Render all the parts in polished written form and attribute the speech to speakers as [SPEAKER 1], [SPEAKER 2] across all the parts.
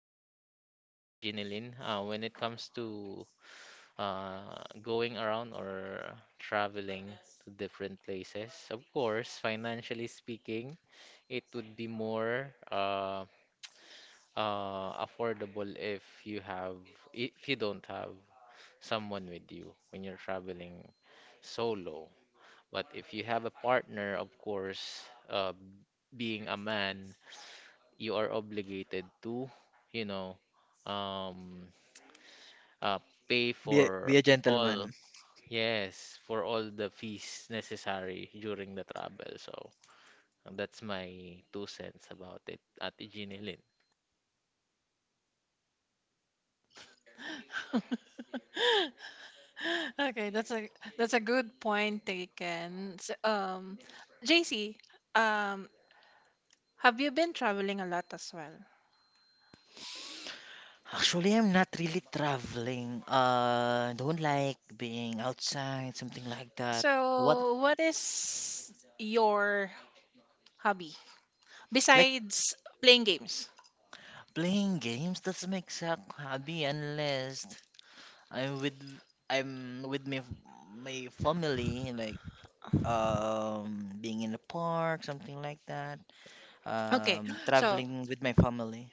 [SPEAKER 1] a good question, Ate Jinilin. When it comes to going around or traveling to different places, of course, financially speaking, it would be more affordable if you have if you don't have someone with you when you're traveling solo. But if you have a partner, of course, being a man, you are obligated to, you know, um uh, pay for
[SPEAKER 2] Be a
[SPEAKER 1] all,
[SPEAKER 2] gentleman.
[SPEAKER 1] yes, for all the fees necessary during the travel. So that's my two cents about it, Ate Ginilin.
[SPEAKER 3] Okay, that's a good point taken. JC, um, have you been traveling a lot as well?
[SPEAKER 2] Actually, I'm not really traveling. Don't like being outside, something like that. What,
[SPEAKER 3] So, what is your hobby
[SPEAKER 2] like
[SPEAKER 3] besides playing games?
[SPEAKER 2] playing games doesn't make a hobby unless I'm with I'm with my family, like being in the park, something like that.
[SPEAKER 3] Okay, so
[SPEAKER 2] Traveling with my family.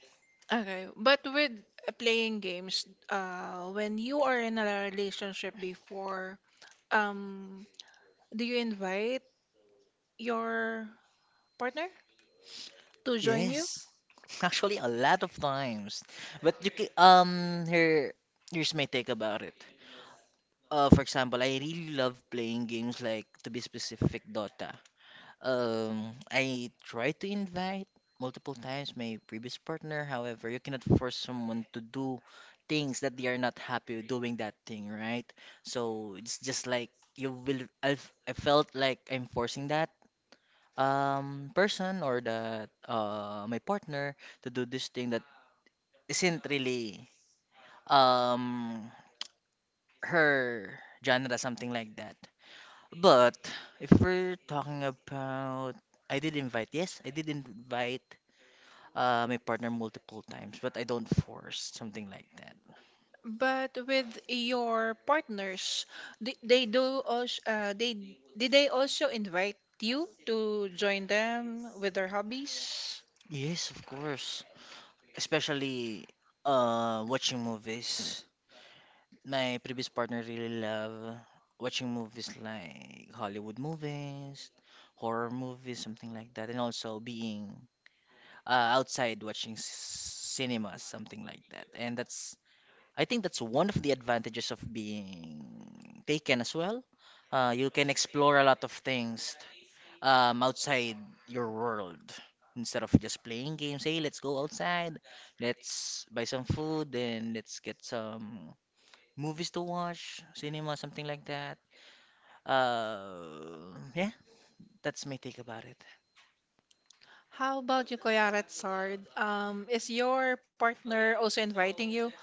[SPEAKER 3] okay, but with playing games, when you are in a relationship before, um, do you invite your partner to join you?
[SPEAKER 2] Yes, actually, a lot of times. But you can, here here's my take about it. For example, I really love playing games, like, to be specific, Dota. I tried to invite multiple times my previous partner. However, you cannot force someone to do things that they are not happy with doing that thing, right? So it's just like you will. I felt like I'm forcing that person or that my partner to do this thing that isn't really um her genre, something like that. But if we're talking about, I did invite, yes, I did invite my partner multiple times, but I don't force something like that.
[SPEAKER 3] But with your partners, did they do also, they also invite you to join them with their hobbies?
[SPEAKER 2] Yes, of course. Especially watching movies. My previous partner really love watching movies like Hollywood movies, horror movies, something like that, and also being outside watching cinemas, something like that. And that's I think that's one of the advantages of being taken as well. You can explore a lot of things outside your world instead of just playing games. Hey, let's go outside, let's buy some food, then let's get some movies to watch, cinema, something like that. Yeah, that's my take about it.
[SPEAKER 3] How about you, Kuya Ratsard? Is your partner also inviting you?